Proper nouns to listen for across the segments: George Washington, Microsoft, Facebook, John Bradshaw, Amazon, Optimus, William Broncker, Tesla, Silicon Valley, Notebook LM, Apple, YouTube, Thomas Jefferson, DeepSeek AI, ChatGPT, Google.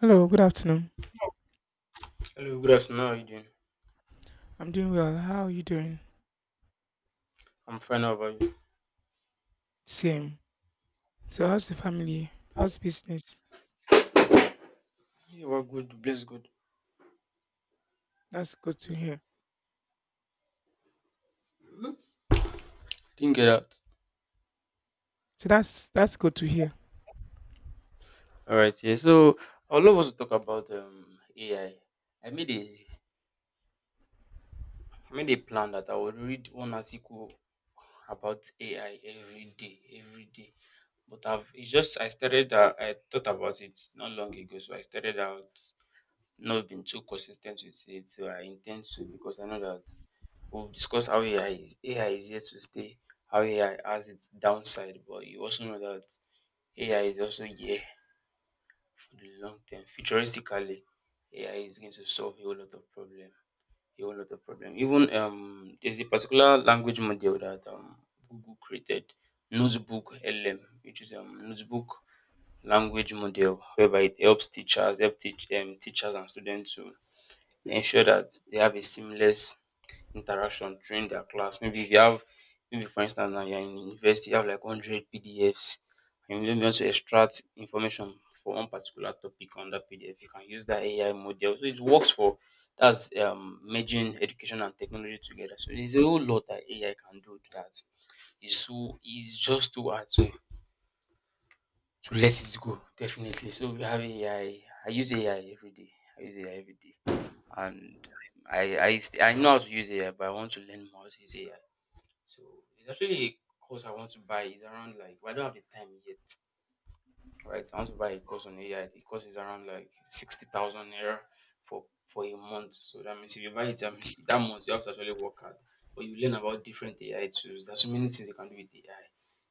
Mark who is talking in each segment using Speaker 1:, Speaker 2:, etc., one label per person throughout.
Speaker 1: Hello, good afternoon.
Speaker 2: Hello, good afternoon. How are you doing?
Speaker 1: I'm doing well. How are you doing?
Speaker 2: I'm fine. How about you?
Speaker 1: Same. So how's the family? How's business?
Speaker 2: Yeah, we're good. Bless good.
Speaker 1: That's good to hear.
Speaker 2: Didn't get out.
Speaker 1: So that's good to hear.
Speaker 2: All right. Yeah. So I'd love us to talk about AI. I made a plan that I would read one article about AI every day, every day. But I've it's just I started. I thought about it not long ago, so I started out not been too consistent with it. So I intend to because I know that we've discussed how AI is here to stay, how AI has its downside, but you also know that AI is also here for the long term. Futuristically, AI is going to solve a whole lot of problem. A whole lot of problem. Even there's a particular language model that Google created, Notebook LM, which is notebook language model whereby it helps teachers help teach teachers and students to ensure that they have a seamless interaction during their class. Maybe if you have, maybe for instance, now you're in university, you have like 100 PDFs, and you maybe want to extract information for one particular topic on that PDF, you can use that AI model. So it works for that's merging education and technology together. So there's a whole lot that AI can do that is just too hard to let it go definitely. So we have AI. I use AI every day. I use AI every day, and I know how to use AI, but I want to learn more how to use AI. So it's actually a course I want to buy. It's around like, well, I don't have the time yet, right? I want to buy a course on AI. The course is around like 60,000 naira for a month. So that means if you buy it, that means that month, you have to actually work hard. But you learn about different AI tools. There's so many things you can do with AI.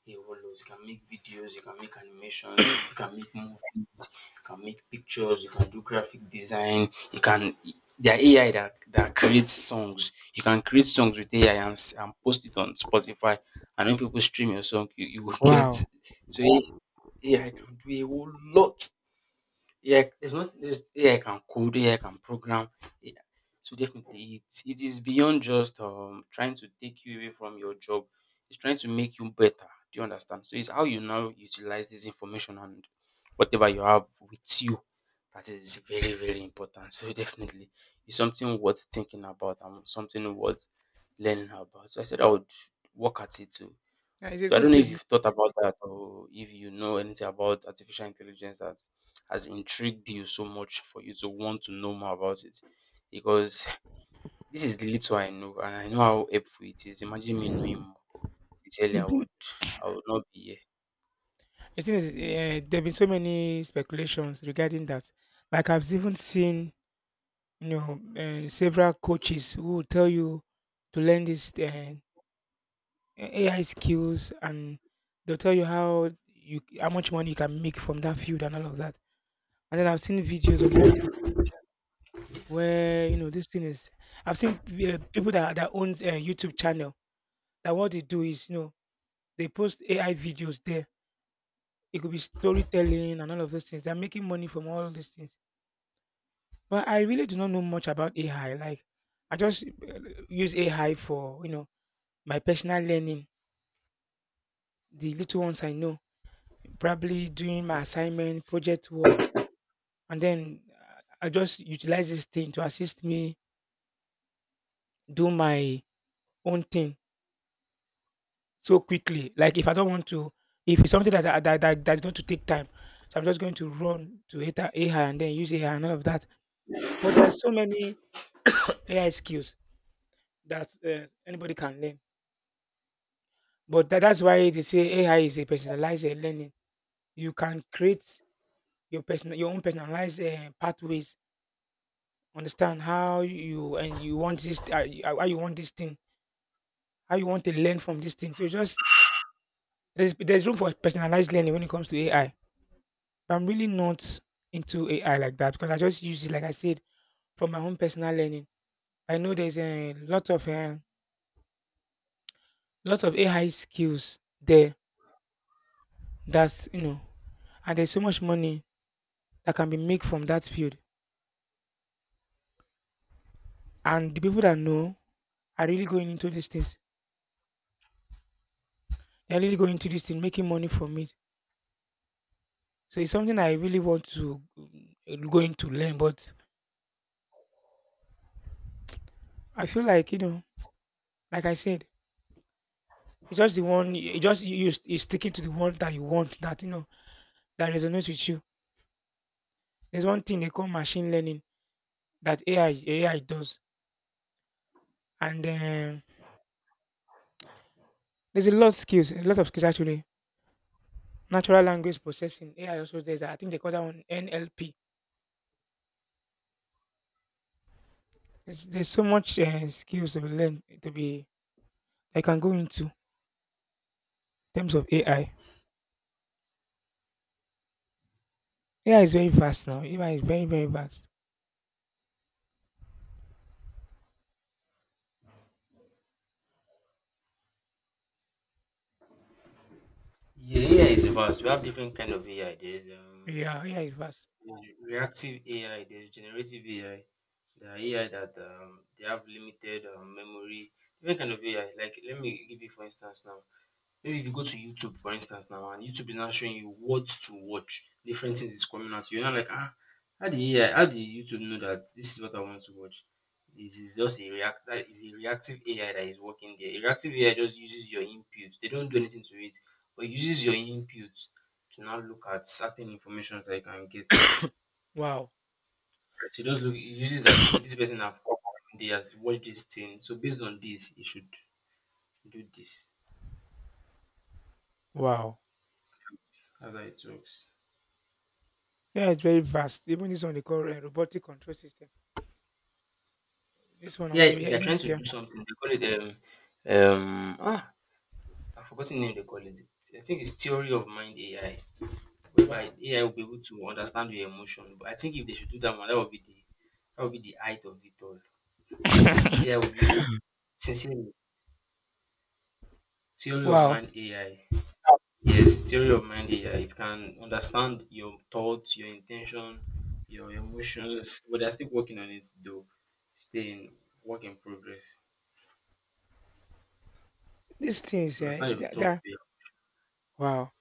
Speaker 2: A whole lot. You can make videos, you can make animations, you can make movies, you can make pictures, you can do graphic design, you can there are AI that creates songs. You can create songs with AI and post it on Spotify. And when people stream your song, you will get,
Speaker 1: Wow.
Speaker 2: so AI can do a whole lot. AI, there's nothing, there's AI can code, AI can program. AI, so definitely it is beyond just trying to take you away from your job. It's trying to make you better. Do you understand? So it's how you now utilize this information and whatever you have with you, that is very, very important. So definitely it's something worth thinking about and something worth learning about. So I said I would work at it to,
Speaker 1: Yeah, it's a
Speaker 2: so I
Speaker 1: good
Speaker 2: don't know if
Speaker 1: thing.
Speaker 2: you've thought about that or if you know anything about artificial intelligence that has intrigued you so much for you to want to know more about it. Because this is the little I know, and I know how helpful it is. Imagine me knowing more. Sincerely,
Speaker 1: The
Speaker 2: I
Speaker 1: thing,
Speaker 2: would I would not be here.
Speaker 1: the thing is, there have been so many speculations regarding that. Like I've even seen, you know, several coaches who will tell you to learn this AI skills, and they'll tell you how much money you can make from that field and all of that. And then I've seen videos on YouTube where you know this thing is I've seen people that owns a YouTube channel that what they do is, you know, they post AI videos there. It could be storytelling and all of those things. They're making money from all these things, but I really do not know much about AI. Like I just use AI for, you know, my personal learning, the little ones I know, probably doing my assignment project work. And then I just utilize this thing to assist me do my own thing so quickly. Like if I don't want to, if it's something that that's going to take time, so I'm just going to run to AI and then use AI and all of that. But there are so many AI skills that anybody can learn. But that's why they say AI is a personalized learning. You can create your own personalized pathways. Understand how you and you want this how you want this thing, how you want to learn from this thing. So just there's room for personalized learning when it comes to AI. I'm really not into AI like that because I just use it, like I said, from my own personal learning. I know there's a lot of lots of AI skills there that's, you know, and there's so much money that can be made from that field. And the people that know are really going into these things. They're really going into this thing, making money from it. So it's something I really want to go into learn. But I feel like, you know, like I said, it's just the one. You just you sticking to the one that you want, that you know, that resonates with you. There's one thing they call machine learning that AI does, and there's a lot of skills actually. Natural language processing AI also, there's I think they call that one NLP. There's so much skills to be learned to be I can go into in terms of AI. AI is very fast now. AI is very vast.
Speaker 2: Yeah, AI is vast. We have different kind of AI. There's
Speaker 1: Yeah, AI is vast.
Speaker 2: Yeah, there's reactive AI. There's generative AI. There are AI that they have limited memory. Different kind of AI. Like, let me give you for instance now. Maybe if you go to YouTube for instance now and YouTube is now showing you what to watch, different things is coming out, you're not like, ah, how the AI, how did YouTube know that this is what I want to watch? This is just a react, that is, a reactive AI that is working there. A reactive AI just uses your input. They don't do anything to it, but it uses your input to now look at certain information that you can get.
Speaker 1: Wow,
Speaker 2: So it just look, it uses that, okay, this person have come out, they has watched this thing. So based on this, it should do this.
Speaker 1: wow.
Speaker 2: That's how it works.
Speaker 1: AI is very vast. Even this one they call robotic control system. This one on
Speaker 2: Yeah,
Speaker 1: AI,
Speaker 2: they're trying to
Speaker 1: yeah.
Speaker 2: do something. They call it um ah I've forgotten the name they call it. I think it's theory of mind AI, whereby
Speaker 1: Wow.
Speaker 2: AI will be able to understand your emotion. But I think if they should do that one, that would be the height of it all. AI will be, sincerely, theory of
Speaker 1: Wow.
Speaker 2: mind AI. Yes, theory of mind AI. It can understand your thoughts, your intention, your emotions, but they're still working on it though. Staying, work in progress.
Speaker 1: These things,
Speaker 2: Understand
Speaker 1: yeah,
Speaker 2: your thoughts.
Speaker 1: that, wow.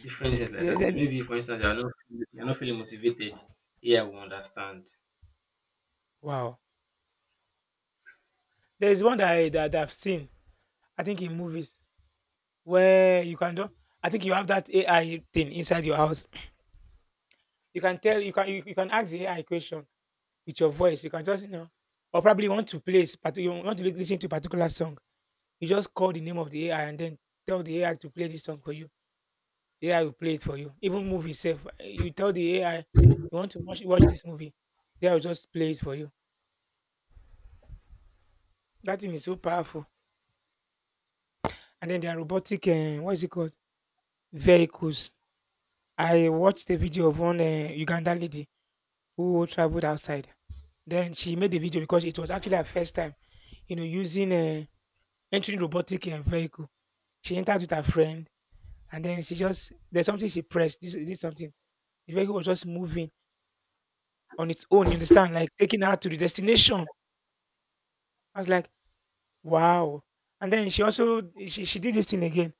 Speaker 2: Different things like that. So maybe for instance you're not feeling motivated. Yeah, we understand.
Speaker 1: Wow. There's one that I've seen, I think in movies, where you can do I think you have that AI thing inside your house. You can tell you can ask the AI question with your voice. You can just, you know, or probably want to you want to listen to a particular song. You just call the name of the AI and then tell the AI to play this song for you. The AI will play it for you. Even movie itself. You tell the AI you want to watch this movie. AI will just play it for you. That thing is so powerful. And then there are robotic what is it called? Vehicles. I watched a video of one, eh, Ugandan lady who traveled outside. Then she made the video because it was actually her first time, you know, using, eh, entering robotic, eh, vehicle. She entered with her friend, and then she just there's something she pressed, this something. The vehicle was just moving on its own, you understand, like taking her to the destination. I was like, "Wow." And then she also she did this thing again.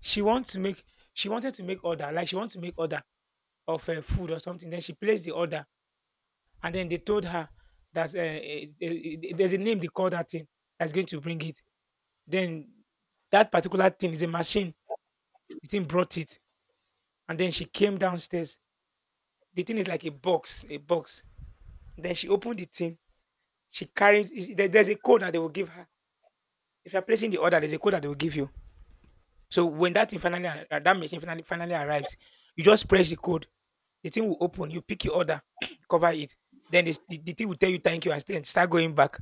Speaker 1: She want to make she wanted to make order, like she wants to make order of, eh, food or something. Then she placed the order. And then they told her that there's a name they call that thing that's going to bring it. Then that particular thing is a machine. The thing brought it. And then she came downstairs. The thing is like a box. Then she opened the thing. She carried, there's a code that they will give her. If you're placing the order, there's a code that they will give you. So when that thing that machine finally arrives, you just press the code. The thing will open. You pick your order, cover it. Then the thing will tell you thank you and then start going back.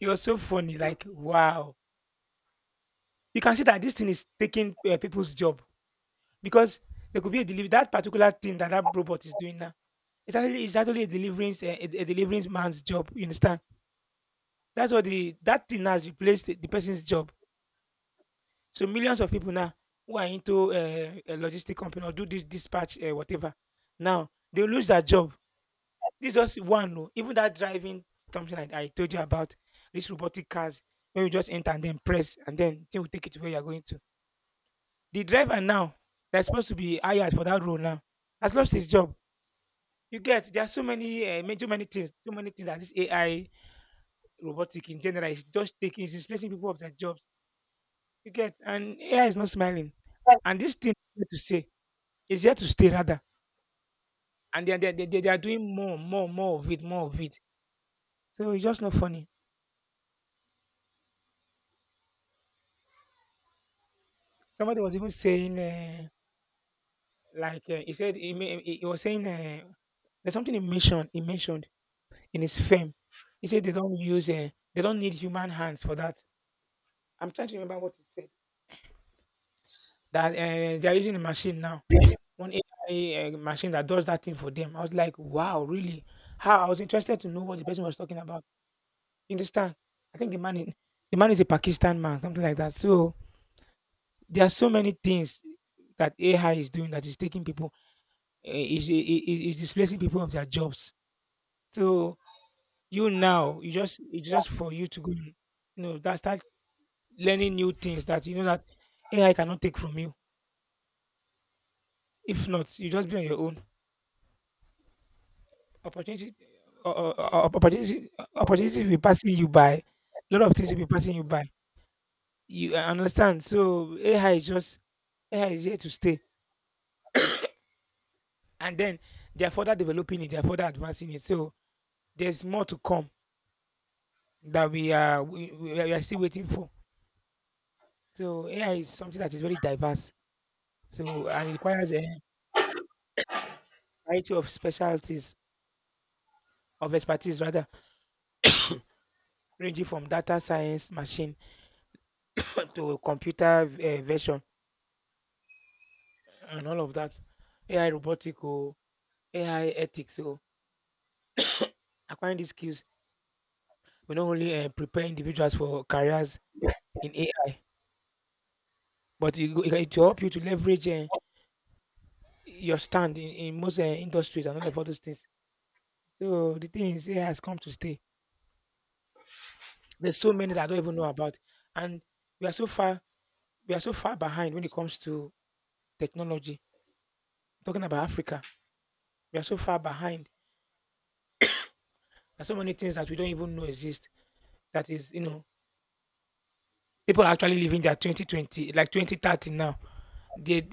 Speaker 1: It was so funny. Like, wow, you can see that this thing is taking people's job, because there could be a delivery that particular thing that that robot is doing now. It's actually a delivering a delivering man's job. You understand? That's what the that thing has replaced the person's job. So millions of people now who are into a logistic company or do this dispatch whatever, now they will lose their job. This just one, no. Even that driving something like I told you about, these robotic cars, when you just enter and then press and then thing will take you to where you are going to. The driver now that's supposed to be hired for that role now has lost his job. You get there are so many too many things, so many things that this AI robotic in general is just taking, is displacing people of their jobs. You get, and AI is not smiling. And this thing is here to say is here to stay rather. And they they are doing more of it, more of it. So it's just not funny. Somebody was even saying he said he, ma- he was saying, there's something he mentioned in his fame. He said they don't use, they don't need human hands for that. I'm trying to remember what he said. That they are using a machine now, one AI machine that does that thing for them. I was like, wow, really? How? I was interested to know what the person was talking about. You understand? I think the man, in, The man is a Pakistan man, something like that. So there are so many things that AI is doing that is taking people, is displacing people of their jobs. So you now, you just it's just for you to go, and, you know, that start learning new things that you know that AI cannot take from you. If not, you just be on your own. Opportunity, uh, uh, opportunity, opportunity will be passing you by. A lot of things will be passing you by. You understand? So AI is here to stay, and then they are further developing it. They are further advancing it. So there's more to come that we are still waiting for. So AI is something that is very diverse. So and it requires a variety of specialties of expertise rather, ranging from data science, machine to computer version and all of that. AI robotic or AI ethics. So acquiring these skills will not only prepare individuals for careers in AI, but it will help you to leverage your stand in most industries and all of all those things. So the thing is, AI has come to stay. There's so many that I don't even know about, and we are so far we are so far behind when it comes to technology. Talking about Africa, we are so far behind. There's so many things that we don't even know exist. That is, people are actually living their 2020 like 2030 now. They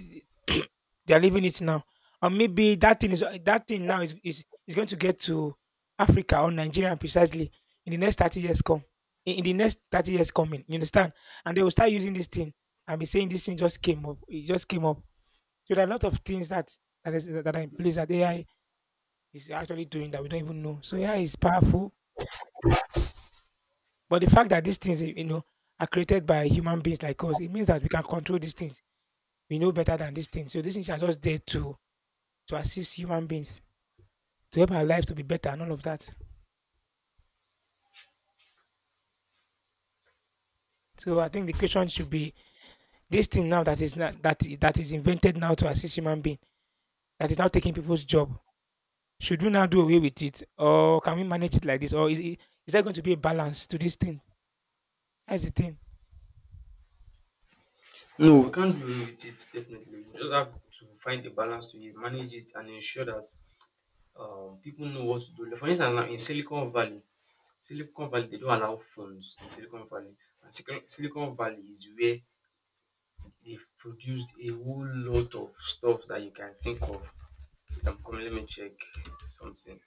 Speaker 1: they're living it now, and maybe that thing is that thing now is going to get to africa or nigeria precisely in the next 30 years in the next 30 years coming, you understand, and they will start using this thing and be saying this thing just came up, it just came up. So there are a lot of things that that is that are in place that ai is actually doing that we don't even know. So ai is powerful, but the fact that these things, are created by human beings like us, it means that we can control these things. We know better than these things. So these things are just there to assist human beings, to help our lives to be better and all of that. So I think the question should be, this thing now that is not that is invented now to assist human being, that is now taking people's job. Should we now do away with it, or can we manage it like this, or is there going to be a balance to this thing? That's the thing.
Speaker 2: No, we can't do away with it definitely. We just have to find a balance to it, manage it and ensure that people know what to do. Like, for instance now in Silicon Valley, they don't allow phones in Silicon Valley. And Silicon Valley is where they've produced a whole lot of stuff that you can think of. Come, let me check something.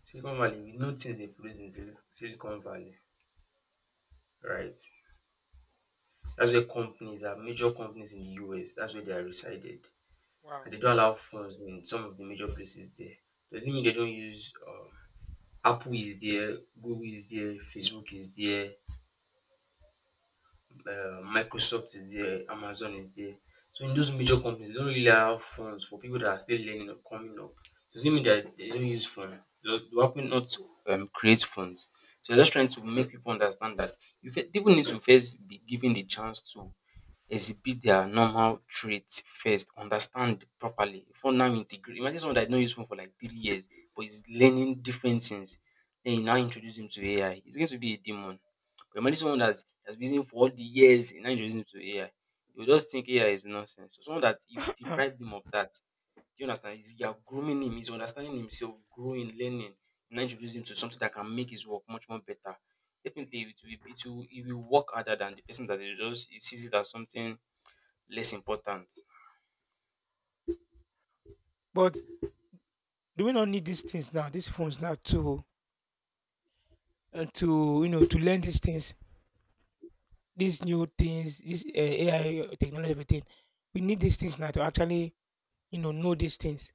Speaker 2: Silicon Valley, we know things they produce in Silicon Valley, right? That's where major companies in the US, that's where they are resided.
Speaker 1: Wow.
Speaker 2: And they don't allow phones in some of the major places there. Doesn't mean they don't use, Apple is there, Google is there, Facebook is there, Microsoft is there, Amazon is there. So in those major companies, they don't really allow phones for people that are still learning or coming up. Doesn't mean that they don't use phone. They do happen not to create phones. So they're just trying to make people understand that, people need to first be given the chance to exhibit their normal traits first, understand properly before now integrate. Imagine someone that no use phone for like 3 years, but is learning different things. Then you now introduce him to AI. He's going to be a demon. But imagine someone that has been using for all the years, you now introduce him to AI. You will just think AI is nonsense. So someone that you deprive him of that, do you understand? You are grooming him. He's understanding himself, growing, learning. You now introduce him to something that can make his work much more better. Definitely, it will work harder than the person that is just, he sees it as something less important.
Speaker 1: But do we not need these things now, these phones now to to learn these things, these new things, this AI technology everything? We need these things now to actually, know these things.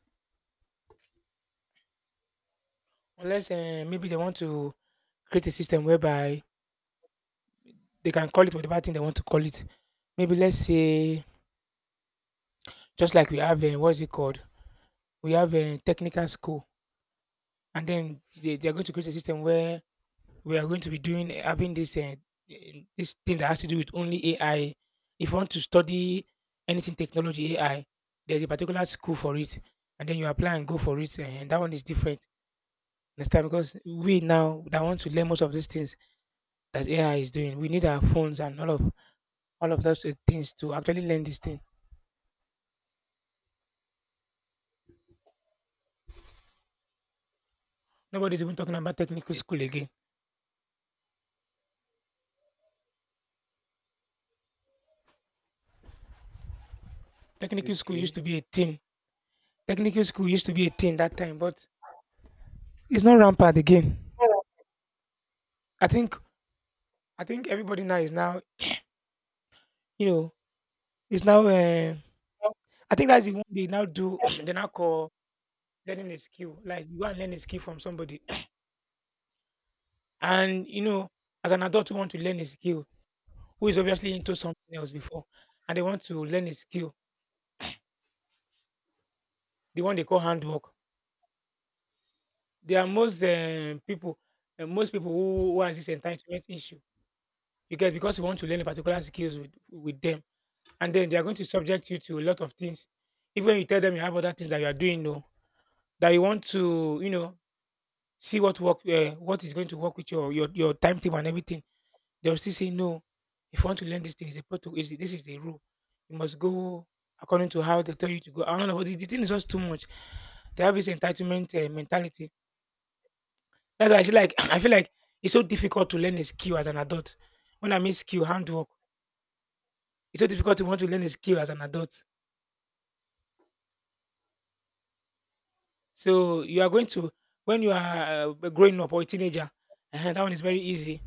Speaker 1: Unless maybe they want to create a system whereby they can call it whatever thing they want to call it. Maybe let's say just like we have what's it called? We have a technical school, and then they are going to create a system where we are going to be doing having this this thing that has to do with only AI. If you want to study anything technology AI, there's a particular school for it, and then you apply and go for it, eh, and that one is different. Understand? Because we now that want to learn most of these things that AI is doing. We need our phones and all of those things to actually learn this thing. Nobody's even talking about technical school again. Technical school used
Speaker 2: Okay.
Speaker 1: to be a thing. Technical school used to be a thing that time, but it's not rampant again. I think I think everybody now is now, you know, it's now. I think that's the one they now do. They now call learning a skill. Like you go and learn a skill from somebody, and you know, as an adult who want to learn a skill, who is obviously into something else before, and they want to learn a skill, the one they call handwork. There are most people, most people who has this entitlement issue. You get because you want to learn a particular skills with, them, and then they are going to subject you to a lot of things. Even when you tell them you have other things that you are doing, no, that you want to, you know, see what work, what is going to work with your timetable and everything. They will still say no. If you want to learn this thing, is a protocol. Is this is the rule? You must go according to how they tell you to go. I don't know. The thing is just too much. They have this entitlement mentality. That's why I feel like I feel like it's so difficult to learn a skill as an adult. When I mean skill, handwork, it's so difficult to want to learn a skill as an adult. So you are going to, when you are growing up or a teenager, that one is very easy.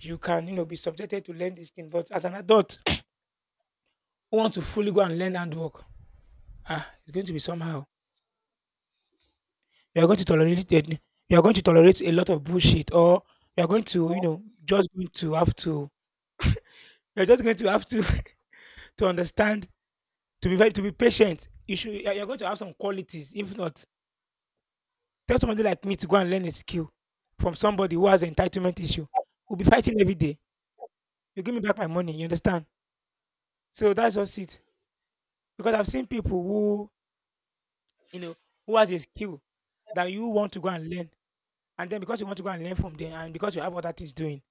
Speaker 1: You can, you know, be subjected to learn this thing, but as an adult who want to fully go and learn handwork, ah, it's going to be somehow. You are going to tolerate it. You are going to tolerate a lot of bullshit, or you are going to, just going to have to. You're just going to have to to understand. To be very, to be patient, you're going to have some qualities. If not, tell somebody like me to go and learn a skill from somebody who has entitlement issue. We'll be fighting every day. You give me back my money, you understand? So that's just it. Because I've seen people who, you know, who has a skill that you want to go and learn. And then because you want to go and learn from them, and because you have other things doing.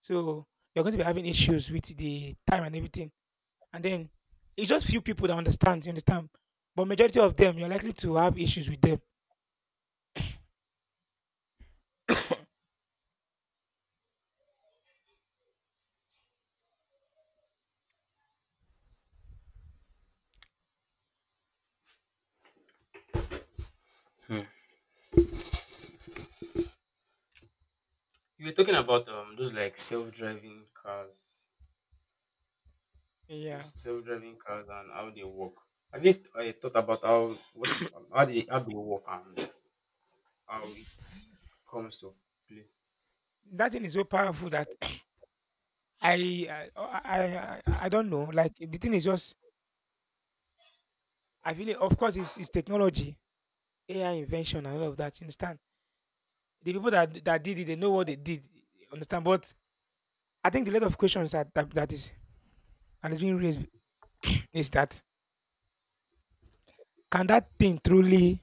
Speaker 1: So you're going to be having issues with the time and everything. And then it's just few people that understand, you understand? But majority of them, you're likely to have issues with them.
Speaker 2: Hmm. You were talking about those, like, those
Speaker 1: Yeah.
Speaker 2: self-driving cars and how they work. Have you thought about how they work and how it comes to play?
Speaker 1: That thing is so powerful that I oh, I don't know. Like the thing is just, I feel it, of course it's technology, AI invention and all of that. You understand? The people that did it, they know what they did. You understand? But I think the lot of questions that is and it's being raised is that, can that thing truly,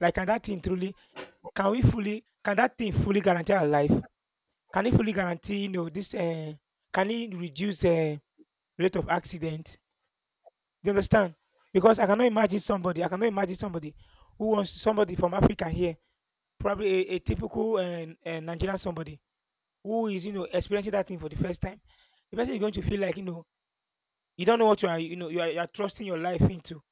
Speaker 1: like can that thing truly can that thing fully guarantee our life? Can it fully guarantee, you know, this? Can it reduce the rate of accident? Do you understand? Because I cannot imagine somebody, I cannot imagine somebody who wants somebody from Africa here, probably a typical Nigerian somebody who is, you know, experiencing that thing for the first time. The person is going to feel like, you know, you don't know what you are, you know, you are trusting your life into.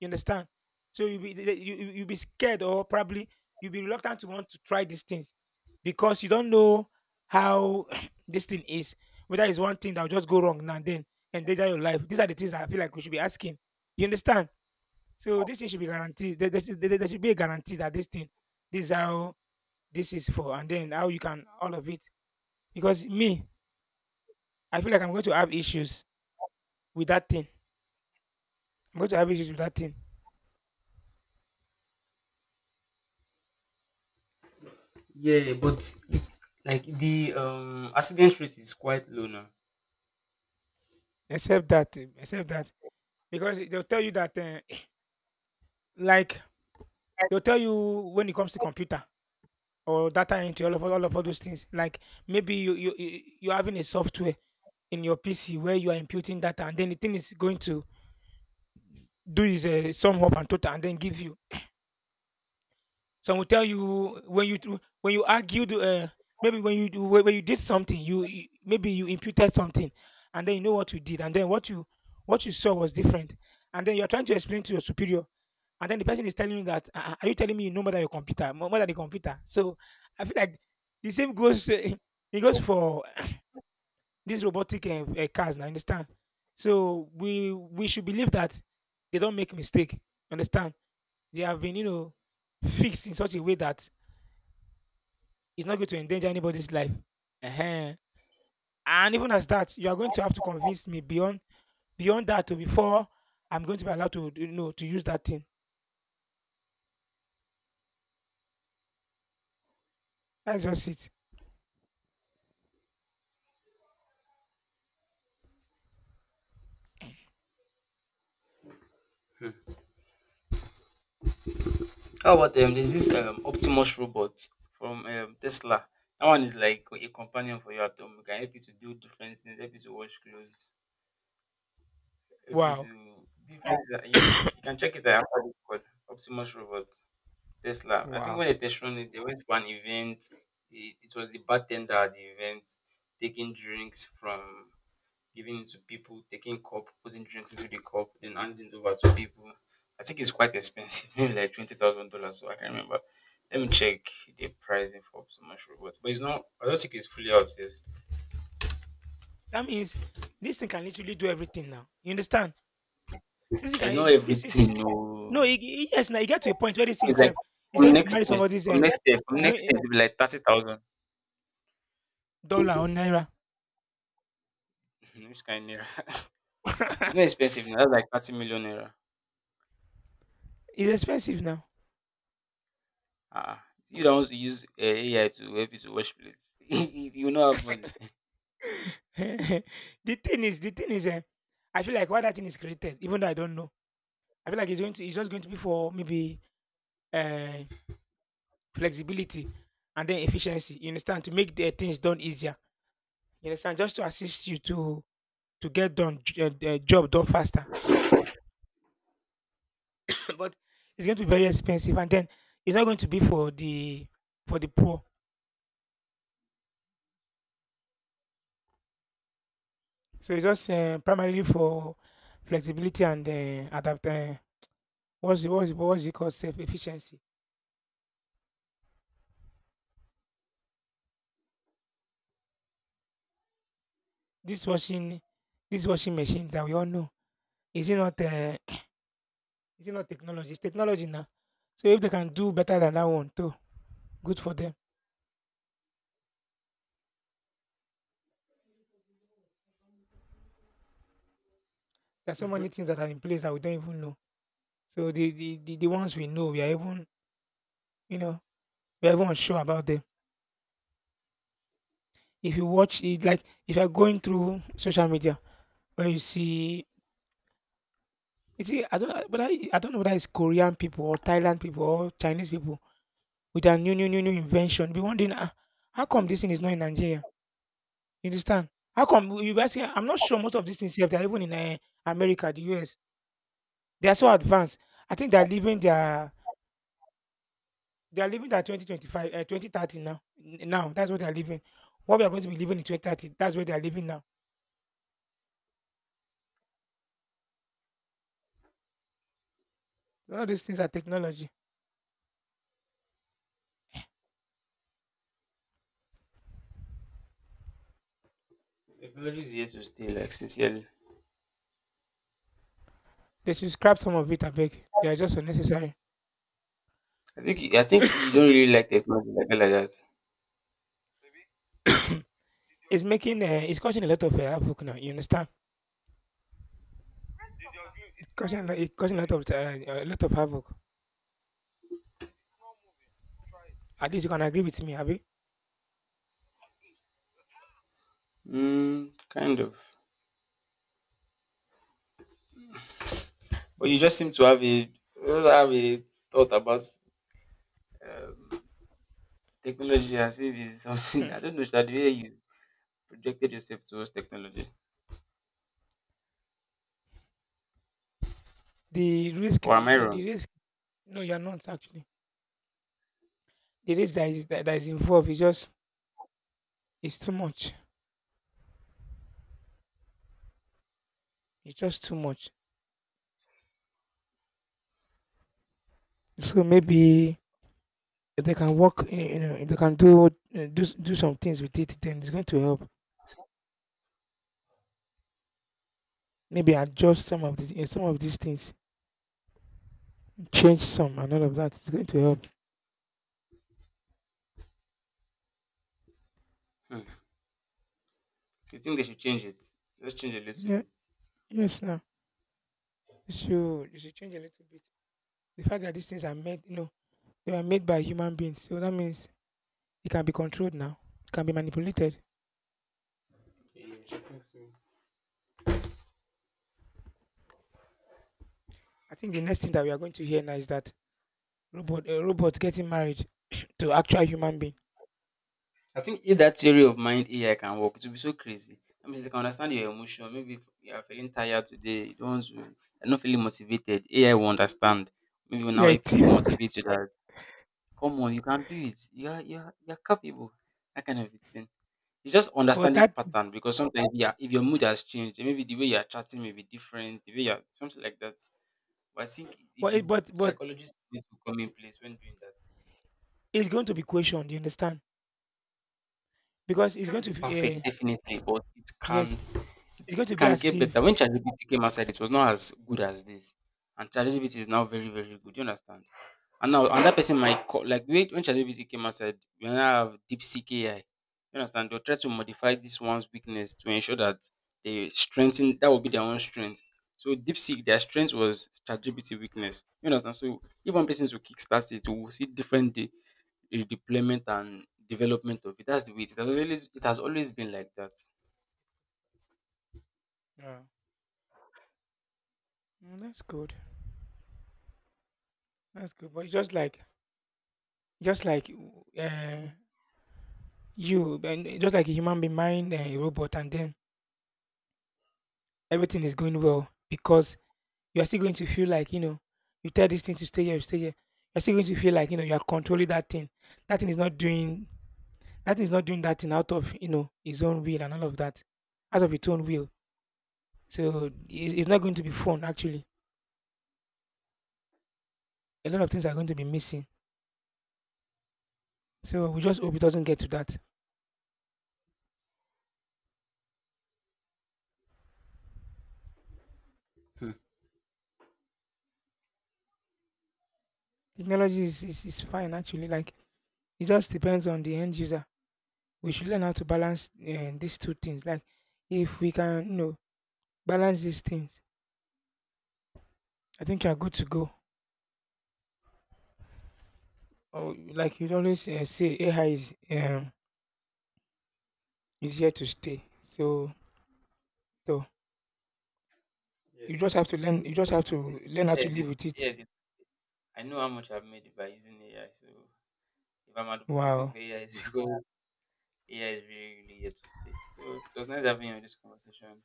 Speaker 1: You understand? So you'll be scared, or probably you'll be reluctant to want to try these things because you don't know how this thing is. Whether it's one thing that will just go wrong now and then and danger your life. These are the things that I feel like we should be asking. You understand? So this thing should be guaranteed. There should be a guarantee that this thing, this is how this is for, and then how you can all of it. Because me, I feel like I'm going to have issues with that thing. I'm going to have issues with that thing.
Speaker 2: Yeah, but like the accident rate is quite low now.
Speaker 1: Except that, because they'll tell you that, like, they'll tell you when it comes to computer or data entry, all of all those things. Like maybe you're having a software in your PC where you are imputing data, and then the thing is going to do is a sum up and total, and then give you. Some will tell you when when you argued, maybe when you do when you did something, you maybe you imputed something, and then you know what you did, and then what you saw was different, and then you're trying to explain to your superior, and then the person is telling you that, "Ah, ah, are you telling me you know more than your computer, more than the computer?" So I feel like the same goes. It goes for these robotic cars. Now understand? So we should believe that they don't make mistake. Understand? They have been, you know, fixed in such a way that it's not going to endanger anybody's life. Ehen. And even as that, you are going to have to convince me beyond, beyond that to before I'm going to be allowed to, you know, to use that thing. That's just it.
Speaker 2: How about there's this Optimus robot from Tesla. That one is like a companion for you at home. It can help you to do different things, help you to wash clothes, okay, so
Speaker 1: Wow.
Speaker 2: different. Yeah, yeah, you can check it out after this, called Optimus Robot, Tesla. I think
Speaker 1: Wow.
Speaker 2: when they tested it, they went for an event. It was the bartender at the event, taking drinks from, giving it to people, taking cup, putting drinks into the cup, then handing it over to people. I think it's quite expensive, maybe like $20,000. So I can't remember. Let me check the pricing for Optimus Robot, but it's not. I don't think it's fully out. Yes,
Speaker 1: That means this thing can literally do everything now. You understand? This thing
Speaker 2: I know
Speaker 1: can this is
Speaker 2: everything.
Speaker 1: no
Speaker 2: No,
Speaker 1: yes, now you get to a point where this thing
Speaker 2: it's like
Speaker 1: itself is going to marry somebody's
Speaker 2: from
Speaker 1: it's
Speaker 2: next
Speaker 1: going
Speaker 2: year, it'll be like 30,000.
Speaker 1: dollar or naira.
Speaker 2: Which kind of it's not expensive now. That's like 30 million naira.
Speaker 1: It's expensive now.
Speaker 2: Ah, you don't want to use AI to help you to wash plates. You will not have money.
Speaker 1: the the thing is I feel like why that thing is created, even though I don't know, I feel like it's just going to be for maybe uh, flexibility and then efficiency. You understand, to make the things done easier. You understand, just to assist you to get done job done faster. But it's going to be very expensive, and then it's not going to be for the poor. So it's just primarily for flexibility and adapt. What's it, what's it, what's it called? Self efficiency. This washing this washing machine that we all know, is it not is it not technology? It's technology now. So if they can do better than that one too, good for them. There's so many things that are in place that we don't even know. So the ones we know, we are even, you know, we are even unsure about them. If you watch it, like if you're going through social media, when you see, I don't know whether it's Korean people or Thailand people or Chinese people with their new invention. Be wondering, ah, how come this thing is not in Nigeria? You understand? How come you guys? I'm not sure most of these things here, they're even in America, the US. They are so advanced. I think they are living their 2025 2030 now. Now that's what they are living. What we are going to be living in 2030, that's where they are living now. All these things are technology.
Speaker 2: Technology is here to stay, like, sincerely.
Speaker 1: They should scrap some of it, I beg. They are just unnecessary.
Speaker 2: I think you don't really like technology like that. Like that.
Speaker 1: It's making it's causing a lot of havoc now. You understand? It's causing a lot of havoc. At least you can agree with me, Abi.
Speaker 2: Mm, kind of. But you just seem to have a thought about um, technology as if it's something
Speaker 1: Hmm.
Speaker 2: I don't know. Should, the way you projected yourself towards technology,
Speaker 1: The risk,
Speaker 2: or am I wrong?
Speaker 1: the risk. No, you're not actually. The risk that is that is involved is just, it's too much. It's just too much. So maybe if they can work, eh, you know, if they can do, do some things with it, then it's going to help. Maybe adjust some of these, some of these things, change some, and all of that. It's going to help.
Speaker 2: Hmm. Do you think they should change it? Just change a little
Speaker 1: Yeah.
Speaker 2: bit.
Speaker 1: Yes. Now, you should you should change a little bit. The fact that these things are made, you know, they were made by human beings, so that means it can be controlled now. It can be manipulated.
Speaker 2: Yes, I think so.
Speaker 1: I think the next thing that we are going to hear now is that robot, a robot getting married to actual human being.
Speaker 2: I think if that theory of mind AI can work, it will be so crazy. I mean, they can understand your emotion. Maybe if you are feeling tired today, you don't want to, you're not feeling motivated. AI will understand. Maybe will
Speaker 1: Yeah,
Speaker 2: now help
Speaker 1: it
Speaker 2: you to
Speaker 1: is.
Speaker 2: motivate you that, come on, you can do it. You are capable. That kind of a thing. It's just
Speaker 1: But
Speaker 2: understanding
Speaker 1: that,
Speaker 2: pattern because sometimes, yeah, if your mood has changed, maybe the way you are chatting may be different, the way you are, something like that. But I think, it will
Speaker 1: but
Speaker 2: psychologists will come in place when doing that.
Speaker 1: it's going to be questioned. You understand? Because
Speaker 2: It
Speaker 1: it's
Speaker 2: can't
Speaker 1: going
Speaker 2: be
Speaker 1: to be.
Speaker 2: perfect, definitely, but
Speaker 1: Yes, it's going to
Speaker 2: it
Speaker 1: be
Speaker 2: can
Speaker 1: as
Speaker 2: get better.
Speaker 1: if.
Speaker 2: When ChatGPT came outside, it was not as good as this, and ChatGPT is now very, very good. You understand? And now
Speaker 1: Mm,
Speaker 2: another person might call, like, when ChatGPT came outside, we now have DeepSeek AI. You understand? They'll try to modify this one's weakness to ensure that they strengthen, that will be their own strength. So DeepSeek, their strength was ChatGPT weakness. You understand? So if one person to kickstart it, we'll see different deployment and development of it. That's the way it is. It has always been like that.
Speaker 1: yeah. Mm, that's good. That's good. But it's just like you, and just like a human being, mind, a robot, and then everything is going well, because you are still going to feel like, you know, you tell this thing to stay here, you stay here. You're still going to feel like, you know, you are controlling that thing. That thing is not doing. That thing is not doing that thing out of, you know, his own will and all of that, out of its own will. So it's not going to be fun. Actually, a lot of things are going to be missing. So we just hope it doesn't get to that.
Speaker 2: Hmm.
Speaker 1: Technology is, is fine actually. Like it just depends on the end user. We should learn how to balance these two things. Like if we can, you know, balance these things, I think you're good to go. Or like you always say, AI is here to stay. So so you just have to learn. You just have to learn how to
Speaker 2: Yes, yes,
Speaker 1: live with it.
Speaker 2: yes, yes. I know how much I've made by using AI. So if I'm advocating
Speaker 1: Wow.
Speaker 2: for AI, it's because, yeah, it's really, really interesting. So it was nice having you on this conversation.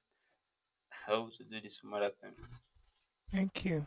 Speaker 2: I hope to do this some other time.
Speaker 1: Thank you.